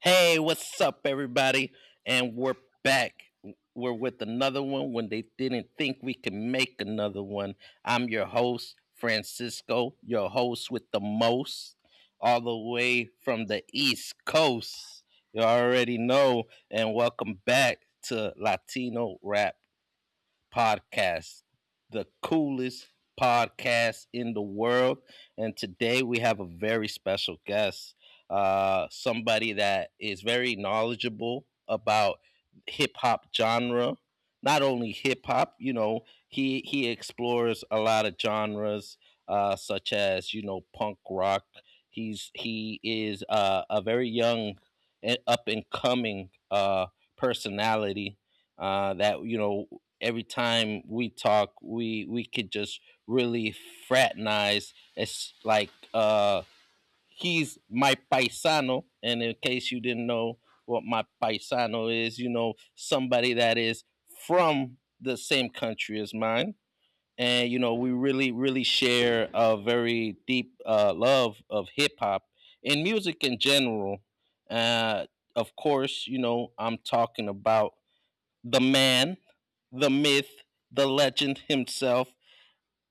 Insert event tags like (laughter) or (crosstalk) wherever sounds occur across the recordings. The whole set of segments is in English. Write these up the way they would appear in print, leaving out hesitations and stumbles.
Hey, what's up, everybody? And we're back. We're with another one when they didn't think we could make another one. I'm your host, Francisco, your host with the most, all the way from the East Coast. You already know. And welcome back to Latino Rap podcast, the coolest podcast in the world. And today we have a very special guest, somebody that is very knowledgeable about hip hop genre. Not only hip hop, you know, he explores a lot of genres, such as you know punk rock. He is a very young, and up and coming personality that you know every time we talk we could just really fraternize. It's like he's my paisano, and in case you didn't know what my paisano is, you know, somebody that is from the same country as mine. And you know we really really share a very deep love of hip-hop and music in general. uh, of course you know I'm talking about the man, the myth, the legend himself.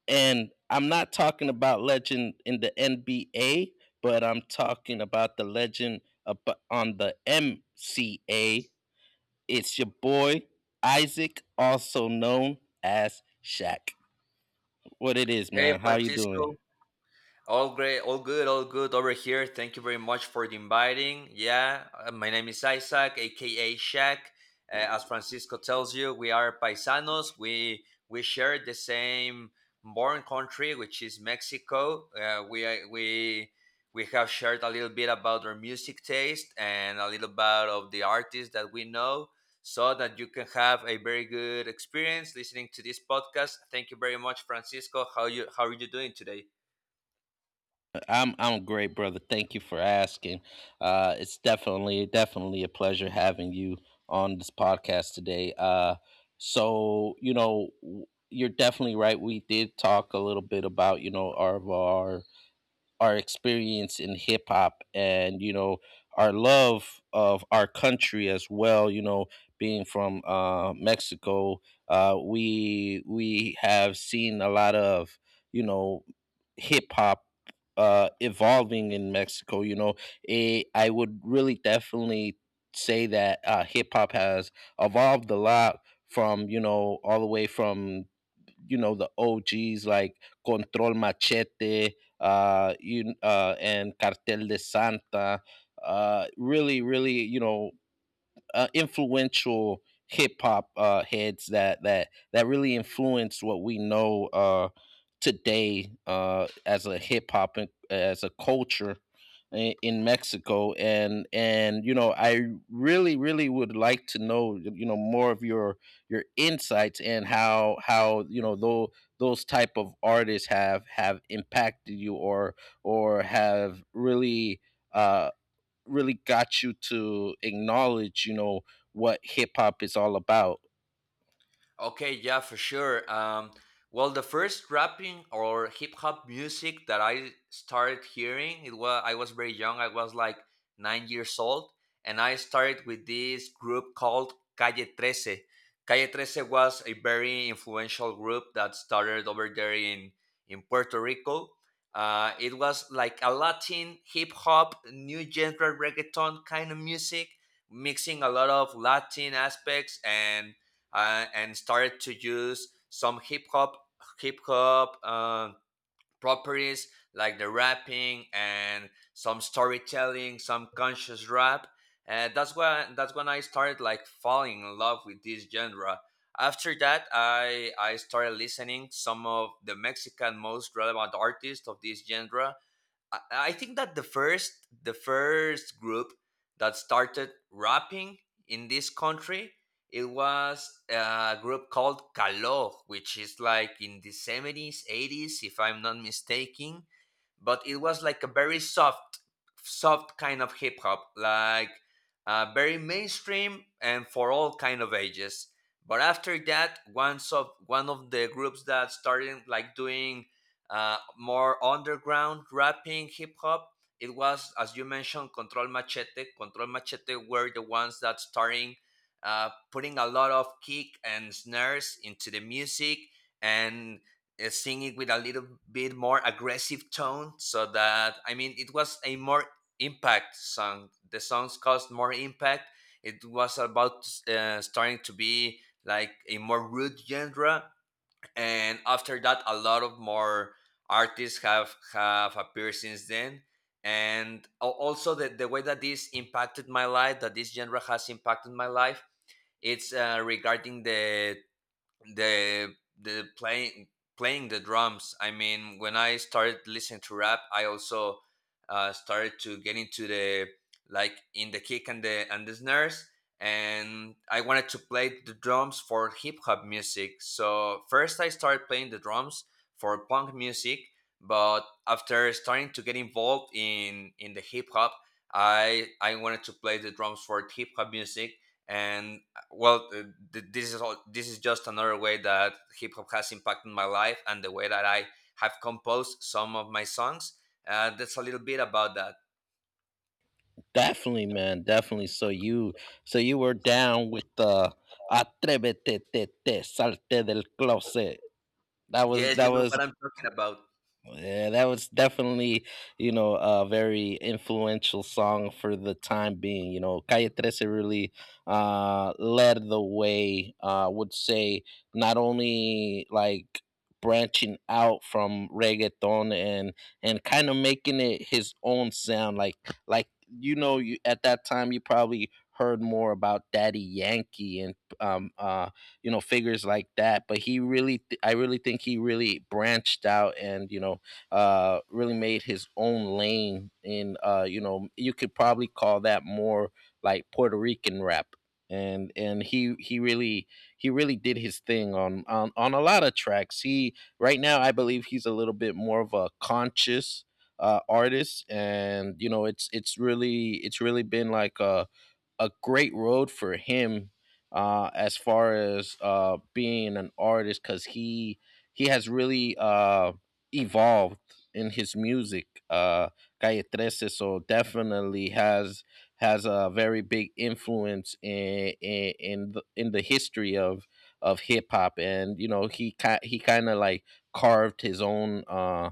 And I'm not talking about legend in the NBA, but I'm talking about the legend on the MCA. It's your boy Isaac, also known as Shaq. What it is, Hey, man? How you doing? Francisco. All great, all good over here. Thank you very much for the inviting. Yeah, my name is Isaac, aka Shaq. As Francisco tells you, we are paisanos. We share the same born country, which is Mexico. We have shared a little bit about our music taste and a little bit of the artists that we know, so that you can have a very good experience listening to this podcast. Thank you very much, Francisco. How are you doing today? I'm great, brother. Thank you for asking. It's definitely a pleasure having you on this podcast today. So you know you're definitely right. We did talk a little bit about you know our our experience in hip hop and you know our love of our country as well. You know, being from Mexico, we have seen a lot of you know hip hop evolving in Mexico. You know, I would really definitely say that hip hop has evolved a lot from you know all the way from you know the OGs like Control Machete, and Cartel de Santa. Really, really, you know, influential hip hop heads that really influenced what we know today as a hip hop as a culture in Mexico. And you know I really really would like to know you know more of your insights and how you know those type of artists have impacted you, or have really uh, really got you to acknowledge, you know, what hip hop is all about. Okay, yeah, for sure. Well, the first rapping or hip hop music that I started hearing, it was I was very young. I was like 9 years old, and I started with this group called Calle Trece. Calle Trece was a very influential group that started over there in Puerto Rico. It was like a Latin hip hop, new genre reggaeton kind of music, mixing a lot of Latin aspects and started to use some hip hop hip hop uh, properties like the rapping and some storytelling, some conscious rap. And that's when I started like falling in love with this genre. After that, I started listening some of the Mexican most relevant artists of this genre. I think that the first group that started rapping in this country, it was a group called Kalo, which is like in the 70s, 80s, if I'm not mistaken. But it was like a very soft, soft kind of hip hop, like very mainstream and for all kind of ages. But after that, one of the groups that started like doing more underground rapping, hip hop, it was, as you mentioned, Control Machete. Control Machete were the ones that starting putting a lot of kick and snares into the music and singing with a little bit more aggressive tone. So that, I mean, it was a more impact song. The songs caused more impact. It was about starting to be like a more rude genre, and after that a lot of more artists have appeared since then. And al- also the way that this impacted my life, that this genre has impacted my life, it's regarding the the playing the drums. I mean, when I started listening to rap, I also started to get into the, like in the kick and the snares, and I wanted to play the drums for hip hop music. So first I started playing the drums for punk music, but after starting to get involved in the hip hop, I wanted to play the drums for hip hop music. And well th- this is just another way that hip hop has impacted my life and the way that I have composed some of my songs. That's a little bit about that. Definitely, man. Definitely. So you were down with the atrévete, te, te, salte del closet. That was Yes, you that know was what I'm talking about. Yeah, that was definitely, you know, a very influential song for the time being. You know, Calle 13 really led the way, would say, not only like branching out from reggaeton, and kind of making it his own sound. Like you know, you at that time you probably heard more about Daddy Yankee and um uh you know figures like that, but he really I really think he really branched out, and you know really made his own lane in you know you could probably call that more like Puerto Rican rap. And he really he really did his thing on on a lot of tracks. He right now I believe he's a little bit more of a conscious artist, and you know it's really been like a great road for him as far as being an artist, because he has really evolved in his music. Calle 13 so definitely has a very big influence in in the history of hip hop, and you know he he kind of like carved his own.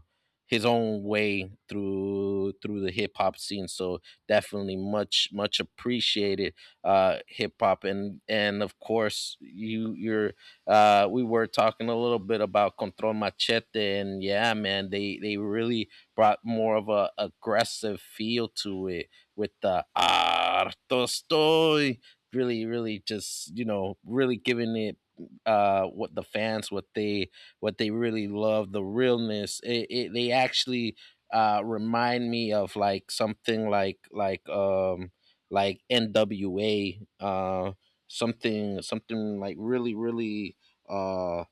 His own way through through the hip hop scene. So definitely much much appreciated hip hop. And of course you you're we were talking a little bit about Control Machete, and yeah man they really brought more of a aggressive feel to it, with the harto estoy. Really really just you know really giving it what the fans, what they really love, the realness. It they actually remind me of like something like like NWA. Something like really really uh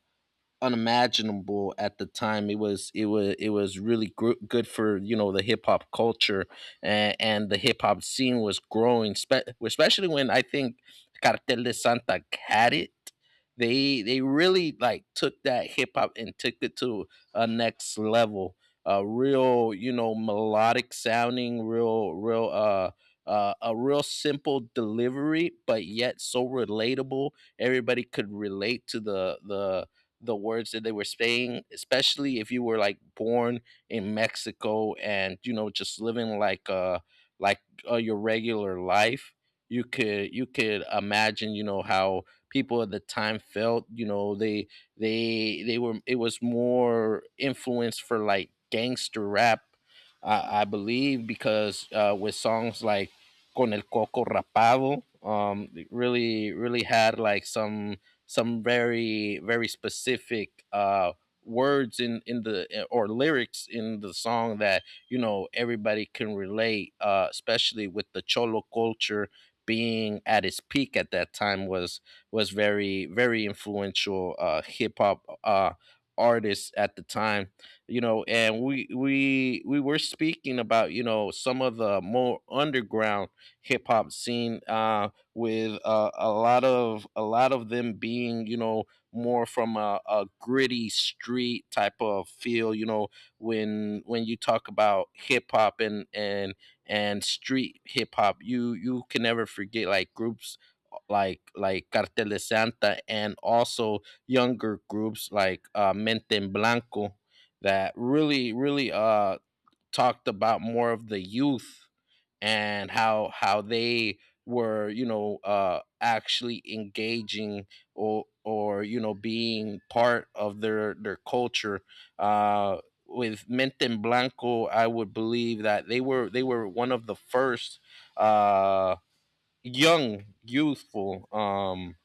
unimaginable at the time. It was it was it was really good for you know the hip hop culture, and the hip hop scene was growing, especially when I think Cartel de Santa had it. They really like took that hip hop and took it to a next level. A real you know melodic sounding, real, a real simple delivery, but yet so relatable. Everybody could relate to the the words that they were saying, especially if you were like born in Mexico and you know just living like like your regular life. You could imagine you know how people at the time felt. You know they they were, it was more influence for like gangster rap, I believe, because with songs like "Con el Coco Rapado," it really really had like some very very specific words in in the or lyrics in the song, that you know everybody can relate. Uh, especially with the cholo culture being at its peak at that time, was very very influential hip hop artists at the time. You know, and we were speaking about you know some of the more underground hip hop scene, with a lot of them being you know more from a gritty street type of feel. You know when you talk about hip hop and and street hip hop, you can never forget like groups like Cartel de Santa, and also younger groups like Mente en Blanco, that really really talked about more of the youth and how they were you know actually engaging, or you know being part of their culture. uh with Menten Blanco I would believe that they were one of the first uh young youthful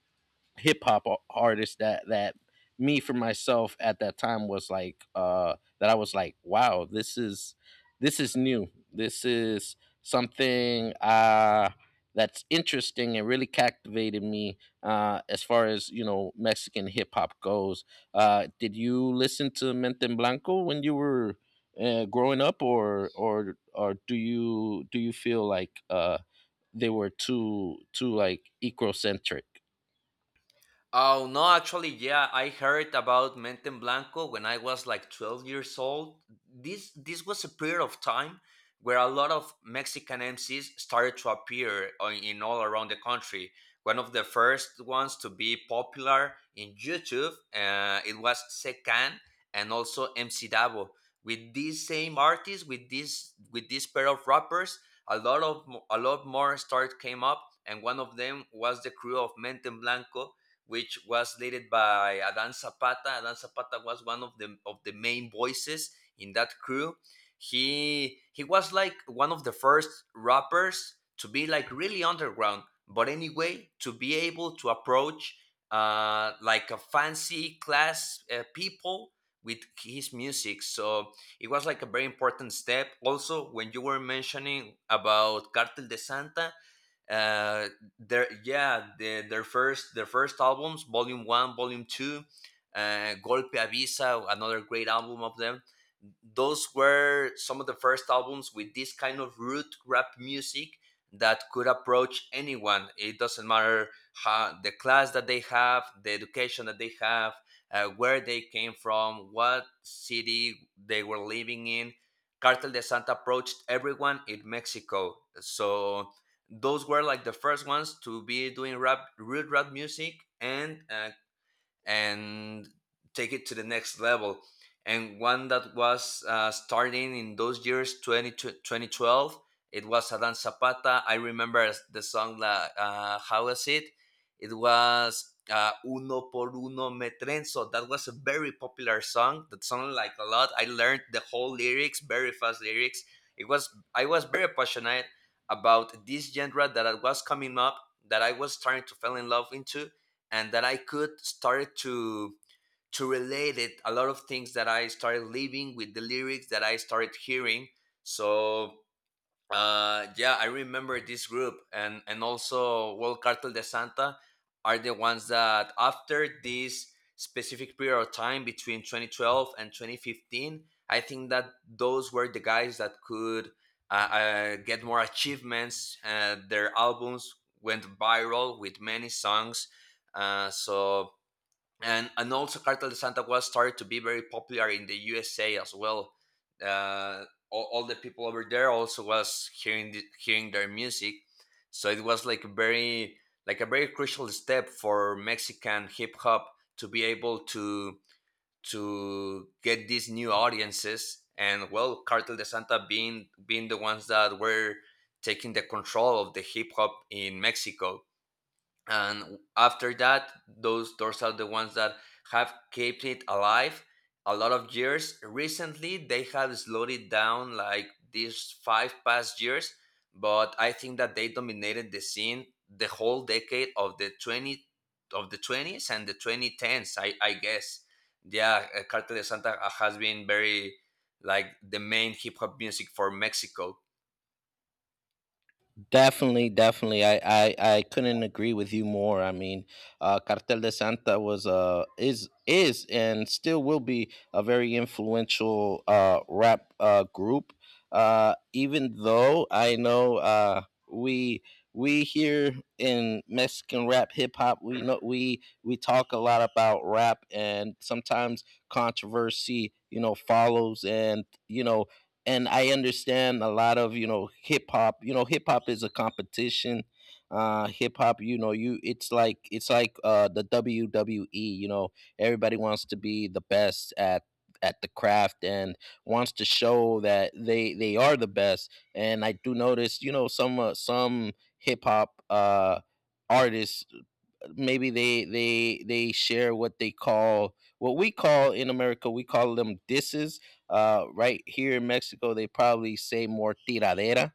hip hop artists, that that me for myself at that time was like that I was like, wow, this is new. This is something that's interesting and really captivated me as far as, you know, Mexican hip hop goes. Uh, did you listen to Menten Blanco when you were growing up, or do you feel like they were too too like ecocentric? Oh no, actually, yeah, I heard about Menten Blanco when I was like 12 years old. This was a period of time where a lot of Mexican MCs started to in all around the country. One of the first ones to be popular in YouTube, it was Secan and also MC Davo. With these same artists, with this pair of rappers, a lot more start came up, and one of them was the crew of Menten Blanco, which was led by Adan Zapata. Adan Zapata was one of the main voices in that crew. He was like one of the first rappers to be like really underground, but anyway, to be able to approach like a fancy class people with his music. So it was like a very important step. Also, when you were mentioning about Cartel de Santa, uh their, yeah, their first, their first albums, volume one, volume two, golpe avisa, another great album of them, those were some of the first albums with this kind of root rap music that could approach anyone. It doesn't matter how the class that they have, the education that they have, where they came from, what city they were living in. Cartel de Santa approached everyone in Mexico. So those were like the first ones to be doing rap, real rap music, and take it to the next level. And one that was starting in those years, 2012, it was Adan Zapata. I remember the song, How was it? It was Uno por Uno Me Trenzo. That was a very popular song that sounded like a lot. I learned the whole lyrics, very fast lyrics. It was, I was very passionate about this genre that I was coming up, that I was starting to fall in love into, and that I could started to relate it a lot of things that I started living with the lyrics that I started hearing. So yeah, I remember this group, and also World Cartel de Santa are the ones that after this specific period of time between 2012 and 2015, I think that those were the guys that could get more achievements. Their albums went viral with many songs. So and also Cartel de Santa Claus started to be very popular in the USA as well. Uh, all, the people over there also was hearing hearing their music, so it was like a very crucial step for Mexican hip hop to be able to get these new audiences. And well, Cartel de Santa being being the ones that were taking the control of the hip hop in Mexico, and after that, those doors are the ones that have kept it alive a lot of years. Recently they have slowed it down, like these five past years, but I think that they dominated the scene the whole decade of the 20 of the 20s and the 2010s, I guess. Yeah, Cartel de Santa has been very like the main hip hop music for Mexico. Definitely, definitely. I couldn't agree with you more. I mean, Cartel de Santa was is and still will be a very influential rap group. Even though I know we we here in Mexican rap hip hop, we know we talk a lot about rap and sometimes controversy, you know, follows. And you know and I understand a lot of you know hip hop. You know, hip hop is a competition. Hip hop, you know, you it's like the WWE. You know, everybody wants to be the best at the craft, and wants to show that they are the best. And I do notice, you know, some hip hop artists, maybe they they share what they call, what we call in America, we call them disses. Right here in Mexico, they probably say more tiradera.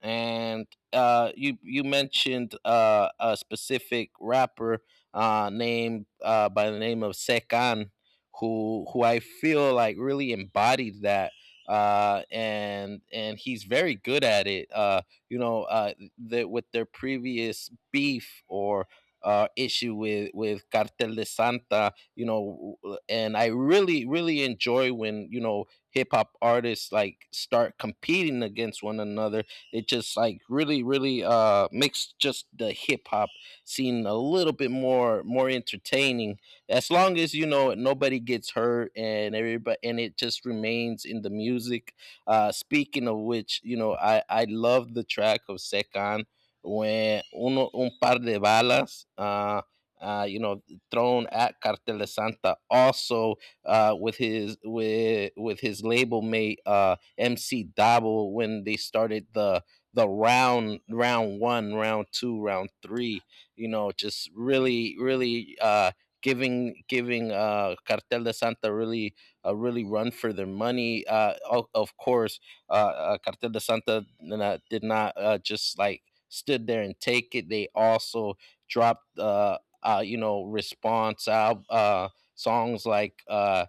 And you you mentioned a specific rapper named by the name of Sekan, who I feel like really embodied that, and he's very good at it. You know, the with their previous beef or. Issue with Cartel de Santa, you know, and I really really enjoy when you know hip hop artists like start competing against one another. It just like really, really makes just the hip hop scene a little bit more more entertaining. As long as you know nobody gets hurt, and everybody, and it just remains in the music. Uh, speaking of which, you know, I love the track of Sekan when uno un par de balas, you know, thrown at Cartel de Santa. Also, with his with his label mate MC Dabo, when they started the round, round one, round two, round three. You know just really really giving giving uh, Cartel de Santa really a really run for their money. Uh, of course Cartel de Santa did not just like stood there and take it. They also dropped you know response out songs like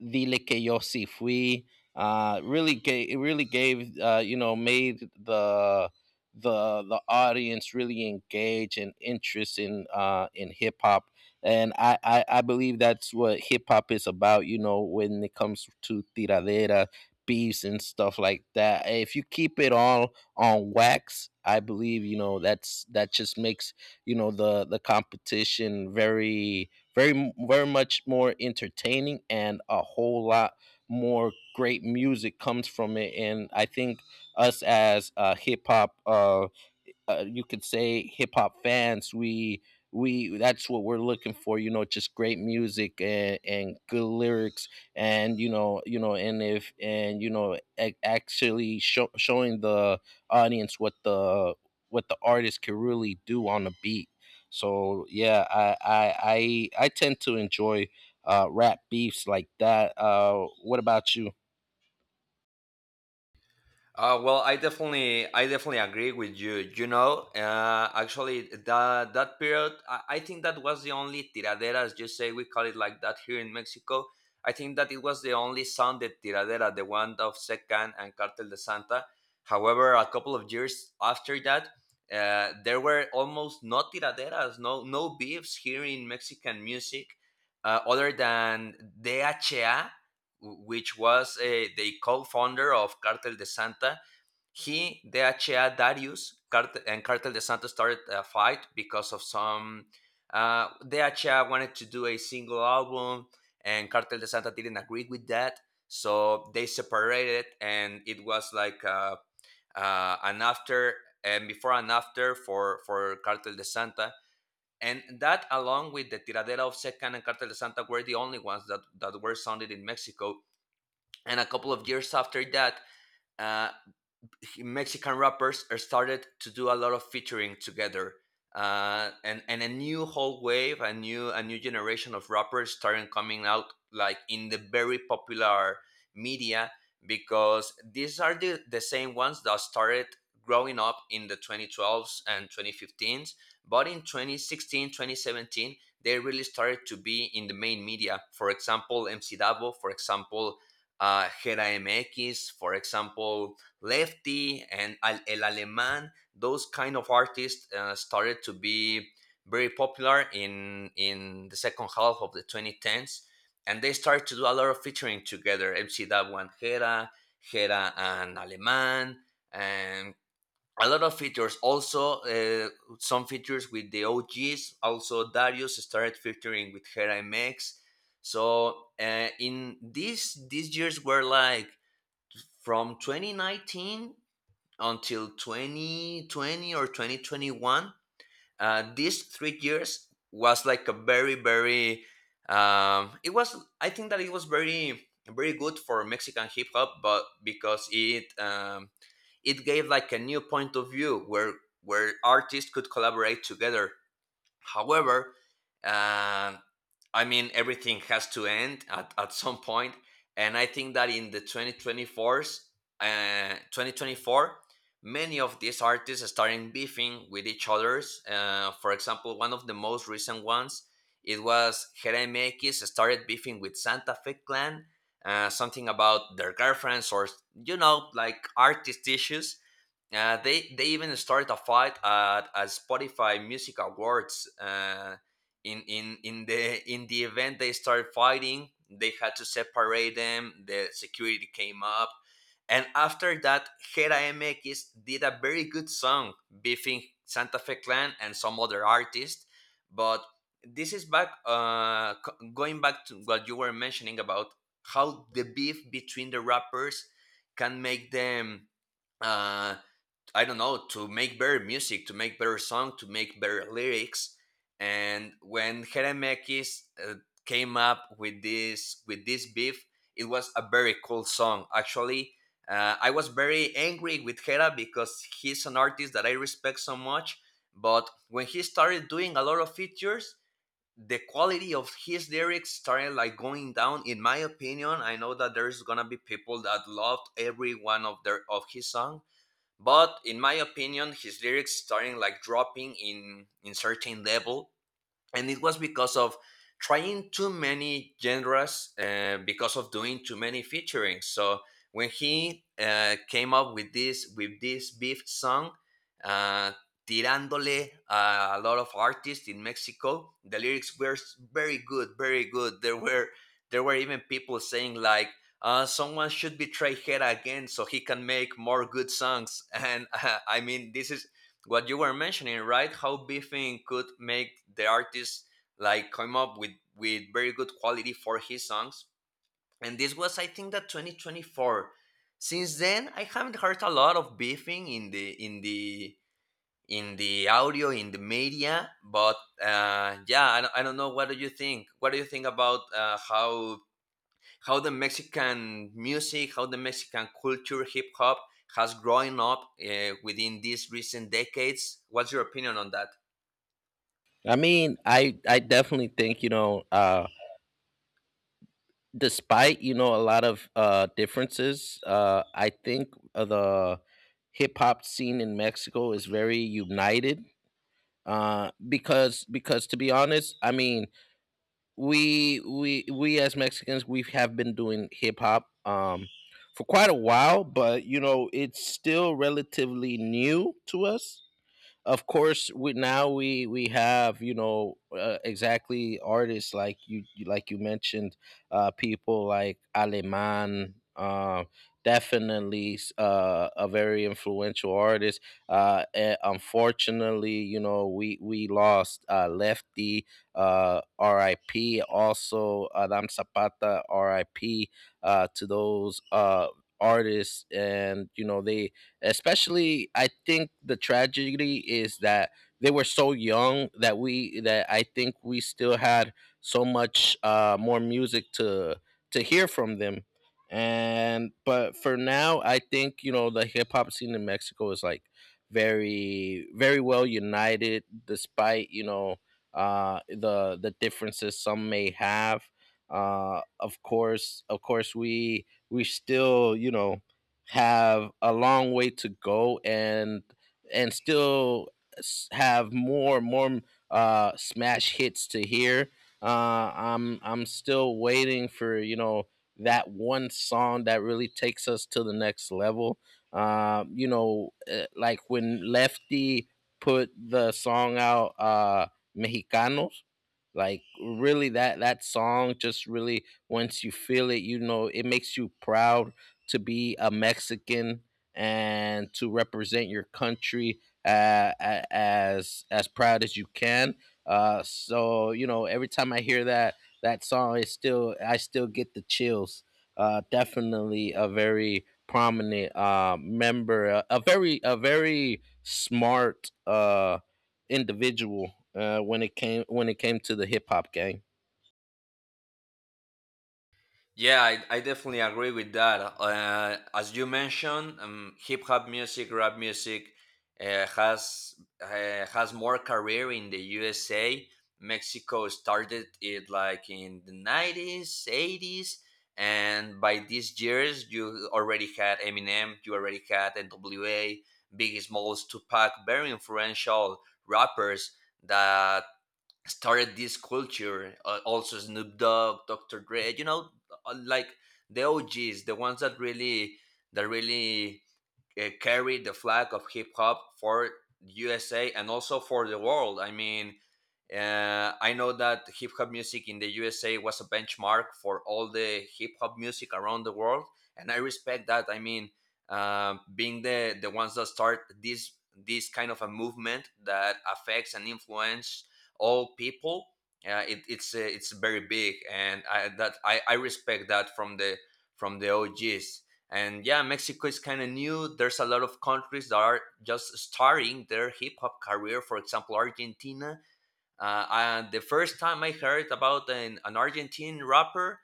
Vile que yo si fui. Really gave it, really gave, made the the audience really engage and interest in hip hop, and I believe that's what hip hop is about. You know, when it comes to tiradera beefs and stuff like that. If you keep it all on wax, I believe that's, that just makes the competition very, very much more entertaining, and a whole lot more great music comes from it. And I think us as hip hop you could say hip hop fans, we, that's what we're looking for, just great music and, good lyrics. And you know and if and you know ac- actually show, showing the audience what the, what the artist can really do on a beat. So yeah, I tend to enjoy rap beefs like that. What about you? Well, I definitely agree with you. You know, actually, that period, I think that was the only tiradera, as you say, we call it like that here in Mexico. I think that it was the only sounded tiradera, the one of Secan and Cartel de Santa. However, a couple of years after that, there were almost no tiraderas, no beefs here in Mexican music, other than DHA, which was the co-founder of Cartel de Santa. He, DHA, Darius, and Cartel de Santos started a fight because of some. DHA wanted to do a single album, and Cartel de Santa didn't agree with that. So they separated, and it was like an after, and before and after for Cartel de Santa. And that, along with the Tiradera of Secan and Cartel de Santa, were the only ones that, that were sounded in Mexico. And a couple of years after that, uh, Mexican rappers are started to do a lot of featuring together, and a new whole wave, a new generation of rappers starting coming out, like in the very popular media, because these are the same ones that started growing up in the 2012s and 2015s. But in 2016, 2017, they really started to be in the main media. For example, MC Davo, for example, Gera MX, for example, Lefty and El Alemán, those kind of artists started to be very popular in the second half of the 2010s, and they started to do a lot of featuring together. MC Davo and Jera, Jera and Alemán, and a lot of features. Also, some features with the OGs. Also, Darius started featuring with Jera MX. So in these years were like from 2019 until 2020 or 2021. These 3 years was like a very very it was, I think that it was very very good for Mexican hip hop, but because it, it gave like a new point of view where artists could collaborate together. However, um, I mean, everything has to end at some point, and I think that in the 2024s, 2024, many of these artists are starting beefing with each others. For example, one of the most recent ones, it was Jeremy X started beefing with Santa Fe Clan, something about their girlfriends or, you know, like artist issues. They even started a fight at a Spotify Music Awards. In the in the event they started fighting, they had to separate them. The security came up, and after that, Hera MX did a very good song beefing Santa Fe Clan and some other artists. But this is back going back to what you were mentioning about how the beef between the rappers can make them uh, I don't know, to make better music, to make better song, to make better lyrics. And when Heremekis came up with this beef, it was a very cool song. Actually, I was very angry with Hera because he's an artist that I respect so much. But when he started doing a lot of features, the quality of his lyrics started like going down. In my opinion, I know that there's gonna be people that loved every one of their of his song, but in my opinion, his lyrics starting like dropping in certain level and it was because of trying too many genres because of doing too many featuring so when he came up with this beef song uh, tirándole a lot of artists in Mexico, the lyrics were very good, very good. There were there were even people saying like someone should betray Hera again so he can make more good songs. (laughs) And I mean, this is what you were mentioning, right? How beefing could make the artist like come up with very good quality for his songs. And this was, I think, that 2024. Since then, I haven't heard a lot of beefing in the in the audio in the media. But yeah, I don't know. What do you think? What do you think about how the Mexican music, how the Mexican culture, hip hop has grown up within these recent decades. What's your opinion on that? I definitely think, despite a lot of differences, I think the hip hop scene in Mexico is very united, because to be honest, I mean, we as Mexicans, we have been doing hip hop, for quite a while, but you know, it's still relatively new to us. Of course, we now we have, exactly, artists like like you mentioned, people like Aleman, definitely a very influential artist. Unfortunately, you know, we lost Lefty, RIP. Also Adam Zapata, RIP. To those artists. And you know, they, especially I think the tragedy is that they were so young, that we that I think we still had so much more music to hear from them. And but for now, I think, you know, the hip hop scene in Mexico is like very, very well united, despite you know the differences some may have. Of course, we still, you know, have a long way to go, and still have more smash hits to hear. I'm still waiting for, you know, that one song that really takes us to the next level. Like when Lefty put the song out, Mexicanos, like really, that, that song just really, once you feel it, you know, it makes you proud to be a Mexican and to represent your country, uh, as proud as you can. So you know, every time I hear that, that song, it's still I still get the chills. Definitely a very prominent member, a very, a very smart individual, when it came to the hip hop gang. Yeah, I definitely agree with that. As you mentioned, Hip hop music, rap music uh, has uh, has more career in the USA. Mexico started it like in the 90s, eighties, and by these years, you already had Eminem, you already had N.W.A., Biggie Smalls, Tupac, very influential rappers that started this culture. Also, Snoop Dogg, Dr. Dre, you know, like the OGs, the ones that really that really carried the flag of hip hop for USA and also for the world. I mean, I know that hip hop music in the USA was a benchmark for all the hip hop music around the world, and I respect that. I mean, being the ones that start this kind of a movement that affects and influence all people, it's very big, and I respect that from the OGs. And yeah, Mexico is kind of new. There's a lot of countries that are just starting their hip hop career. For example, Argentina and the first time I heard about an Argentine rapper,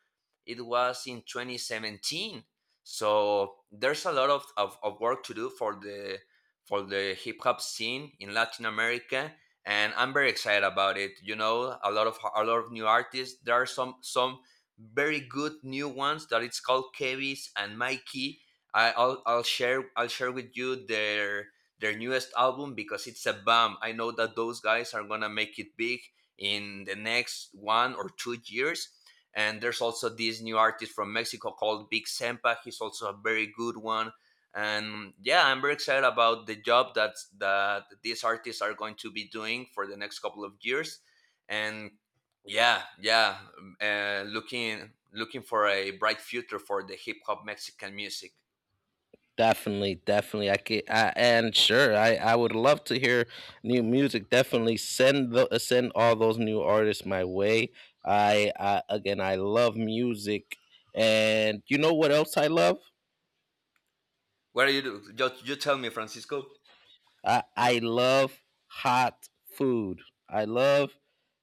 it was in 2017. So there's a lot of, of work to do for the hip hop scene in Latin America, and I'm very excited about it. You know, a lot of new artists. There are some very good new ones that it's called Kevis and Mikey. I'll share with you their newest album because it's a bomb. I know that those guys are gonna make it big in the next one or two years. And there's also this new artist from Mexico called Big Sempa. He's also a very good one. And yeah, I'm very excited about the job that these artists are going to be doing for the next couple of years. And yeah, looking for a bright future for the hip hop Mexican music. Definitely, definitely. And sure, I would love to hear new music. Definitely send the, send all those new artists my way. I Again, I love music, and you know what else I love? What are you do? You tell me, Francisco. I love hot food. I love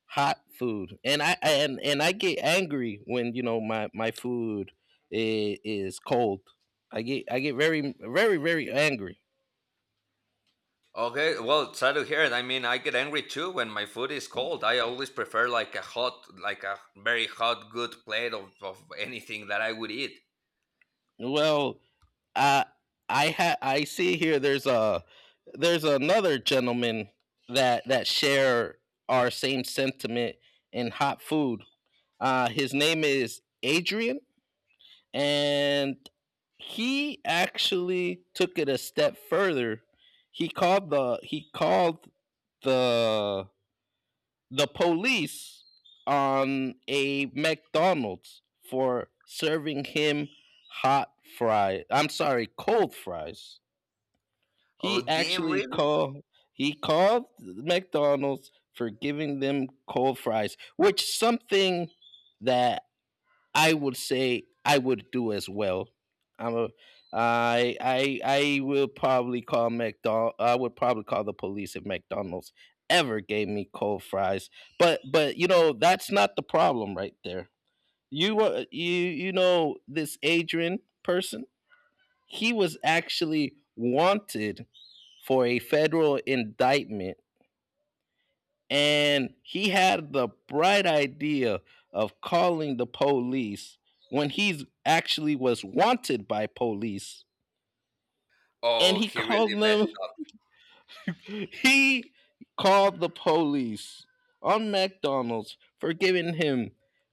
hot food, and I get angry when, you know, my food is cold. I get very, very angry. Okay, well, sad to hear it. I mean, I get angry too when my food is cold. I always prefer like a hot, like a very hot, good plate of anything that I would eat. Well, I I see here there's a, there's another gentleman that, that share our same sentiment in hot food. His name is Adrian, and he actually took it a step further. He called the the police on a McDonald's for serving him hot fries. I'm sorry, cold fries. Oh, He damn, actually really? called he called McDonald's for giving them cold fries, which something that I would say I would do as well. I'm a I will probably call McDonald I would probably call the police if McDonald's ever gave me cold fries. But you know, that's not the problem right there. You, you you know this Adrian person? He was actually wanted for a federal indictment, and he had the bright idea of calling the police when he actually was wanted by police, and Oh, he he called really messed them. up. (laughs) He called the police on McDonald's for giving him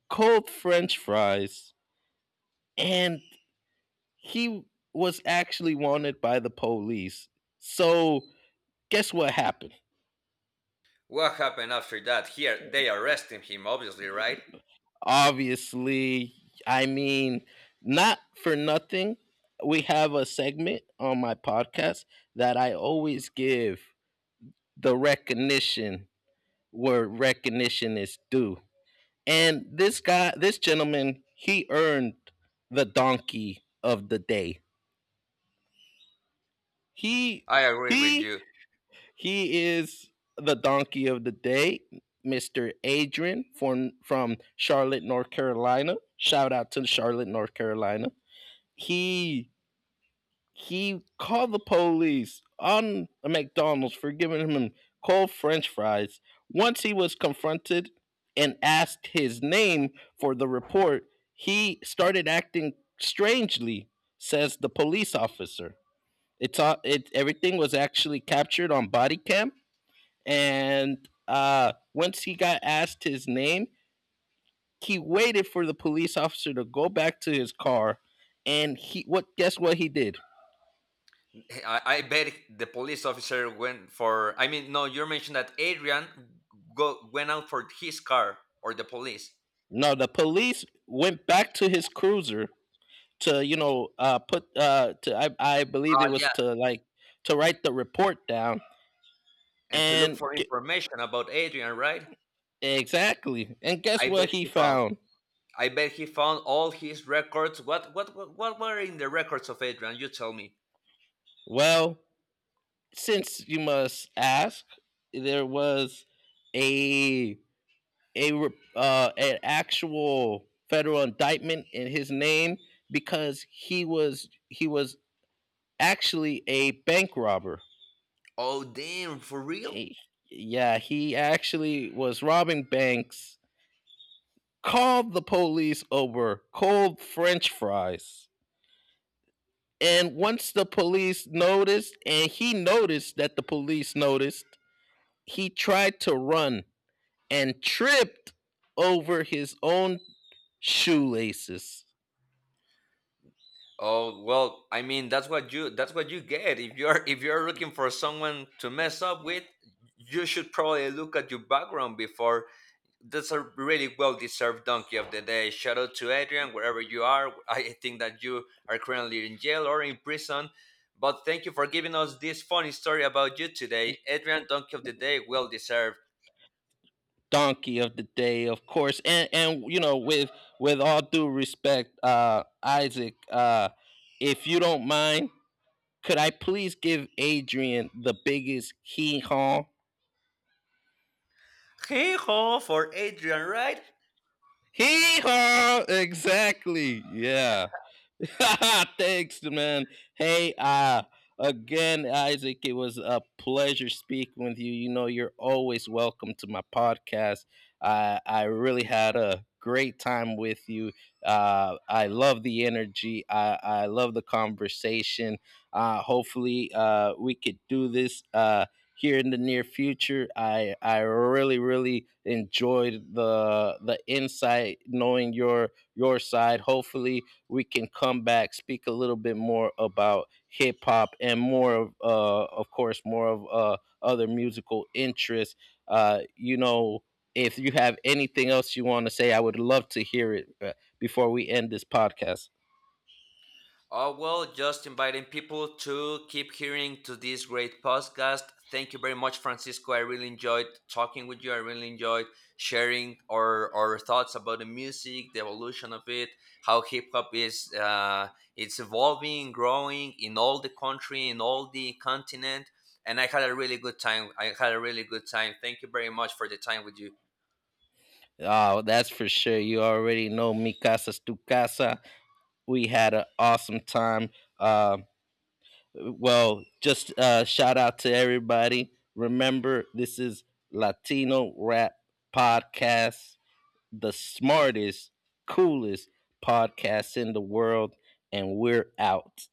cold french fries, and he was actually wanted by the police. So guess what happened? What happened after that? Here, they arrested him, obviously, right? Obviously. I mean, not for nothing, we have a segment on my podcast that I always give the recognition where recognition is due, and this guy, this gentleman, he earned the donkey of the day. he I agree with he you. he is the donkey of the day. Mr. Adrian, from Charlotte, North Carolina. Shout out to Charlotte, North Carolina. he he called the police on a McDonald's for giving him cold French fries. Once he was confronted and asked his name for the report, he started acting strangely, says the police officer. It's all, it Everything was actually captured on body cam, and once he got asked his name, he waited for the police officer to go back to his car, and he what? Guess what he did? I bet the police officer went for. I mean, no, you mentioned that Adrian went out for his car or the police. No, the police went back to his cruiser to, you know, put to I believe Ah, it was yeah, to like to write the report down. and to look And for g- information about Adrian, right? exactly, and guess I what bet he he found. found? I bet he found all his records. What were in the records of Adrian? You tell me. Well, since you must ask, there was a, a re- an actual federal indictment in his name, because he was actually a bank robber. Oh damn, for real? Eh, yeah, he actually was robbing banks, called the police over cold french fries. And once the police noticed, and he noticed that the police noticed, he tried to run and tripped over his own shoelaces. Oh well, I mean that's what you get if you're looking for someone to mess up with. You should probably look at your background before. That's a really well deserved donkey of the day. Shout out to Adrian, wherever you are. I think that you are currently in jail or in prison. But thank you for giving us this funny story about you today. Adrian, donkey of the day, well deserved. Donkey of the day, of course. And you know, with all due respect, Isaac, if you don't mind, could I please give Adrian the biggest hee haw? Hey ho for Adrian, right? Hee haw! Exactly. Yeah. (laughs) Thanks, man. Hey, again, Isaac, it was a pleasure speaking with you. You know, you're always welcome to my podcast. I really had a great time with you. I love the energy. I love the conversation. Hopefully, we could do this here in the near future. I really, really enjoyed the insight, knowing your side. Hopefully, we can come back, speak a little bit more about hip hop and more of course, more of, other musical interests. You know, if you have anything else you want to say, I would love to hear it, before we end this podcast. Oh, well, just inviting people to keep hearing to this great podcast. Thank you very much, Francisco. I really enjoyed talking with you. I really enjoyed sharing our thoughts about the music, the evolution of it, how hip hop is it's evolving, growing in all the country, in all the continent. And I had a really good time. I had a really good time. Thank you very much for the time with you. Oh, that's for sure. You already know Mi Casa's Tu Casa. We had an awesome time. Uh, well, just shout out to everybody. Remember, this is Latino Rap Podcast, the smartest, coolest podcast in the world, and we're out.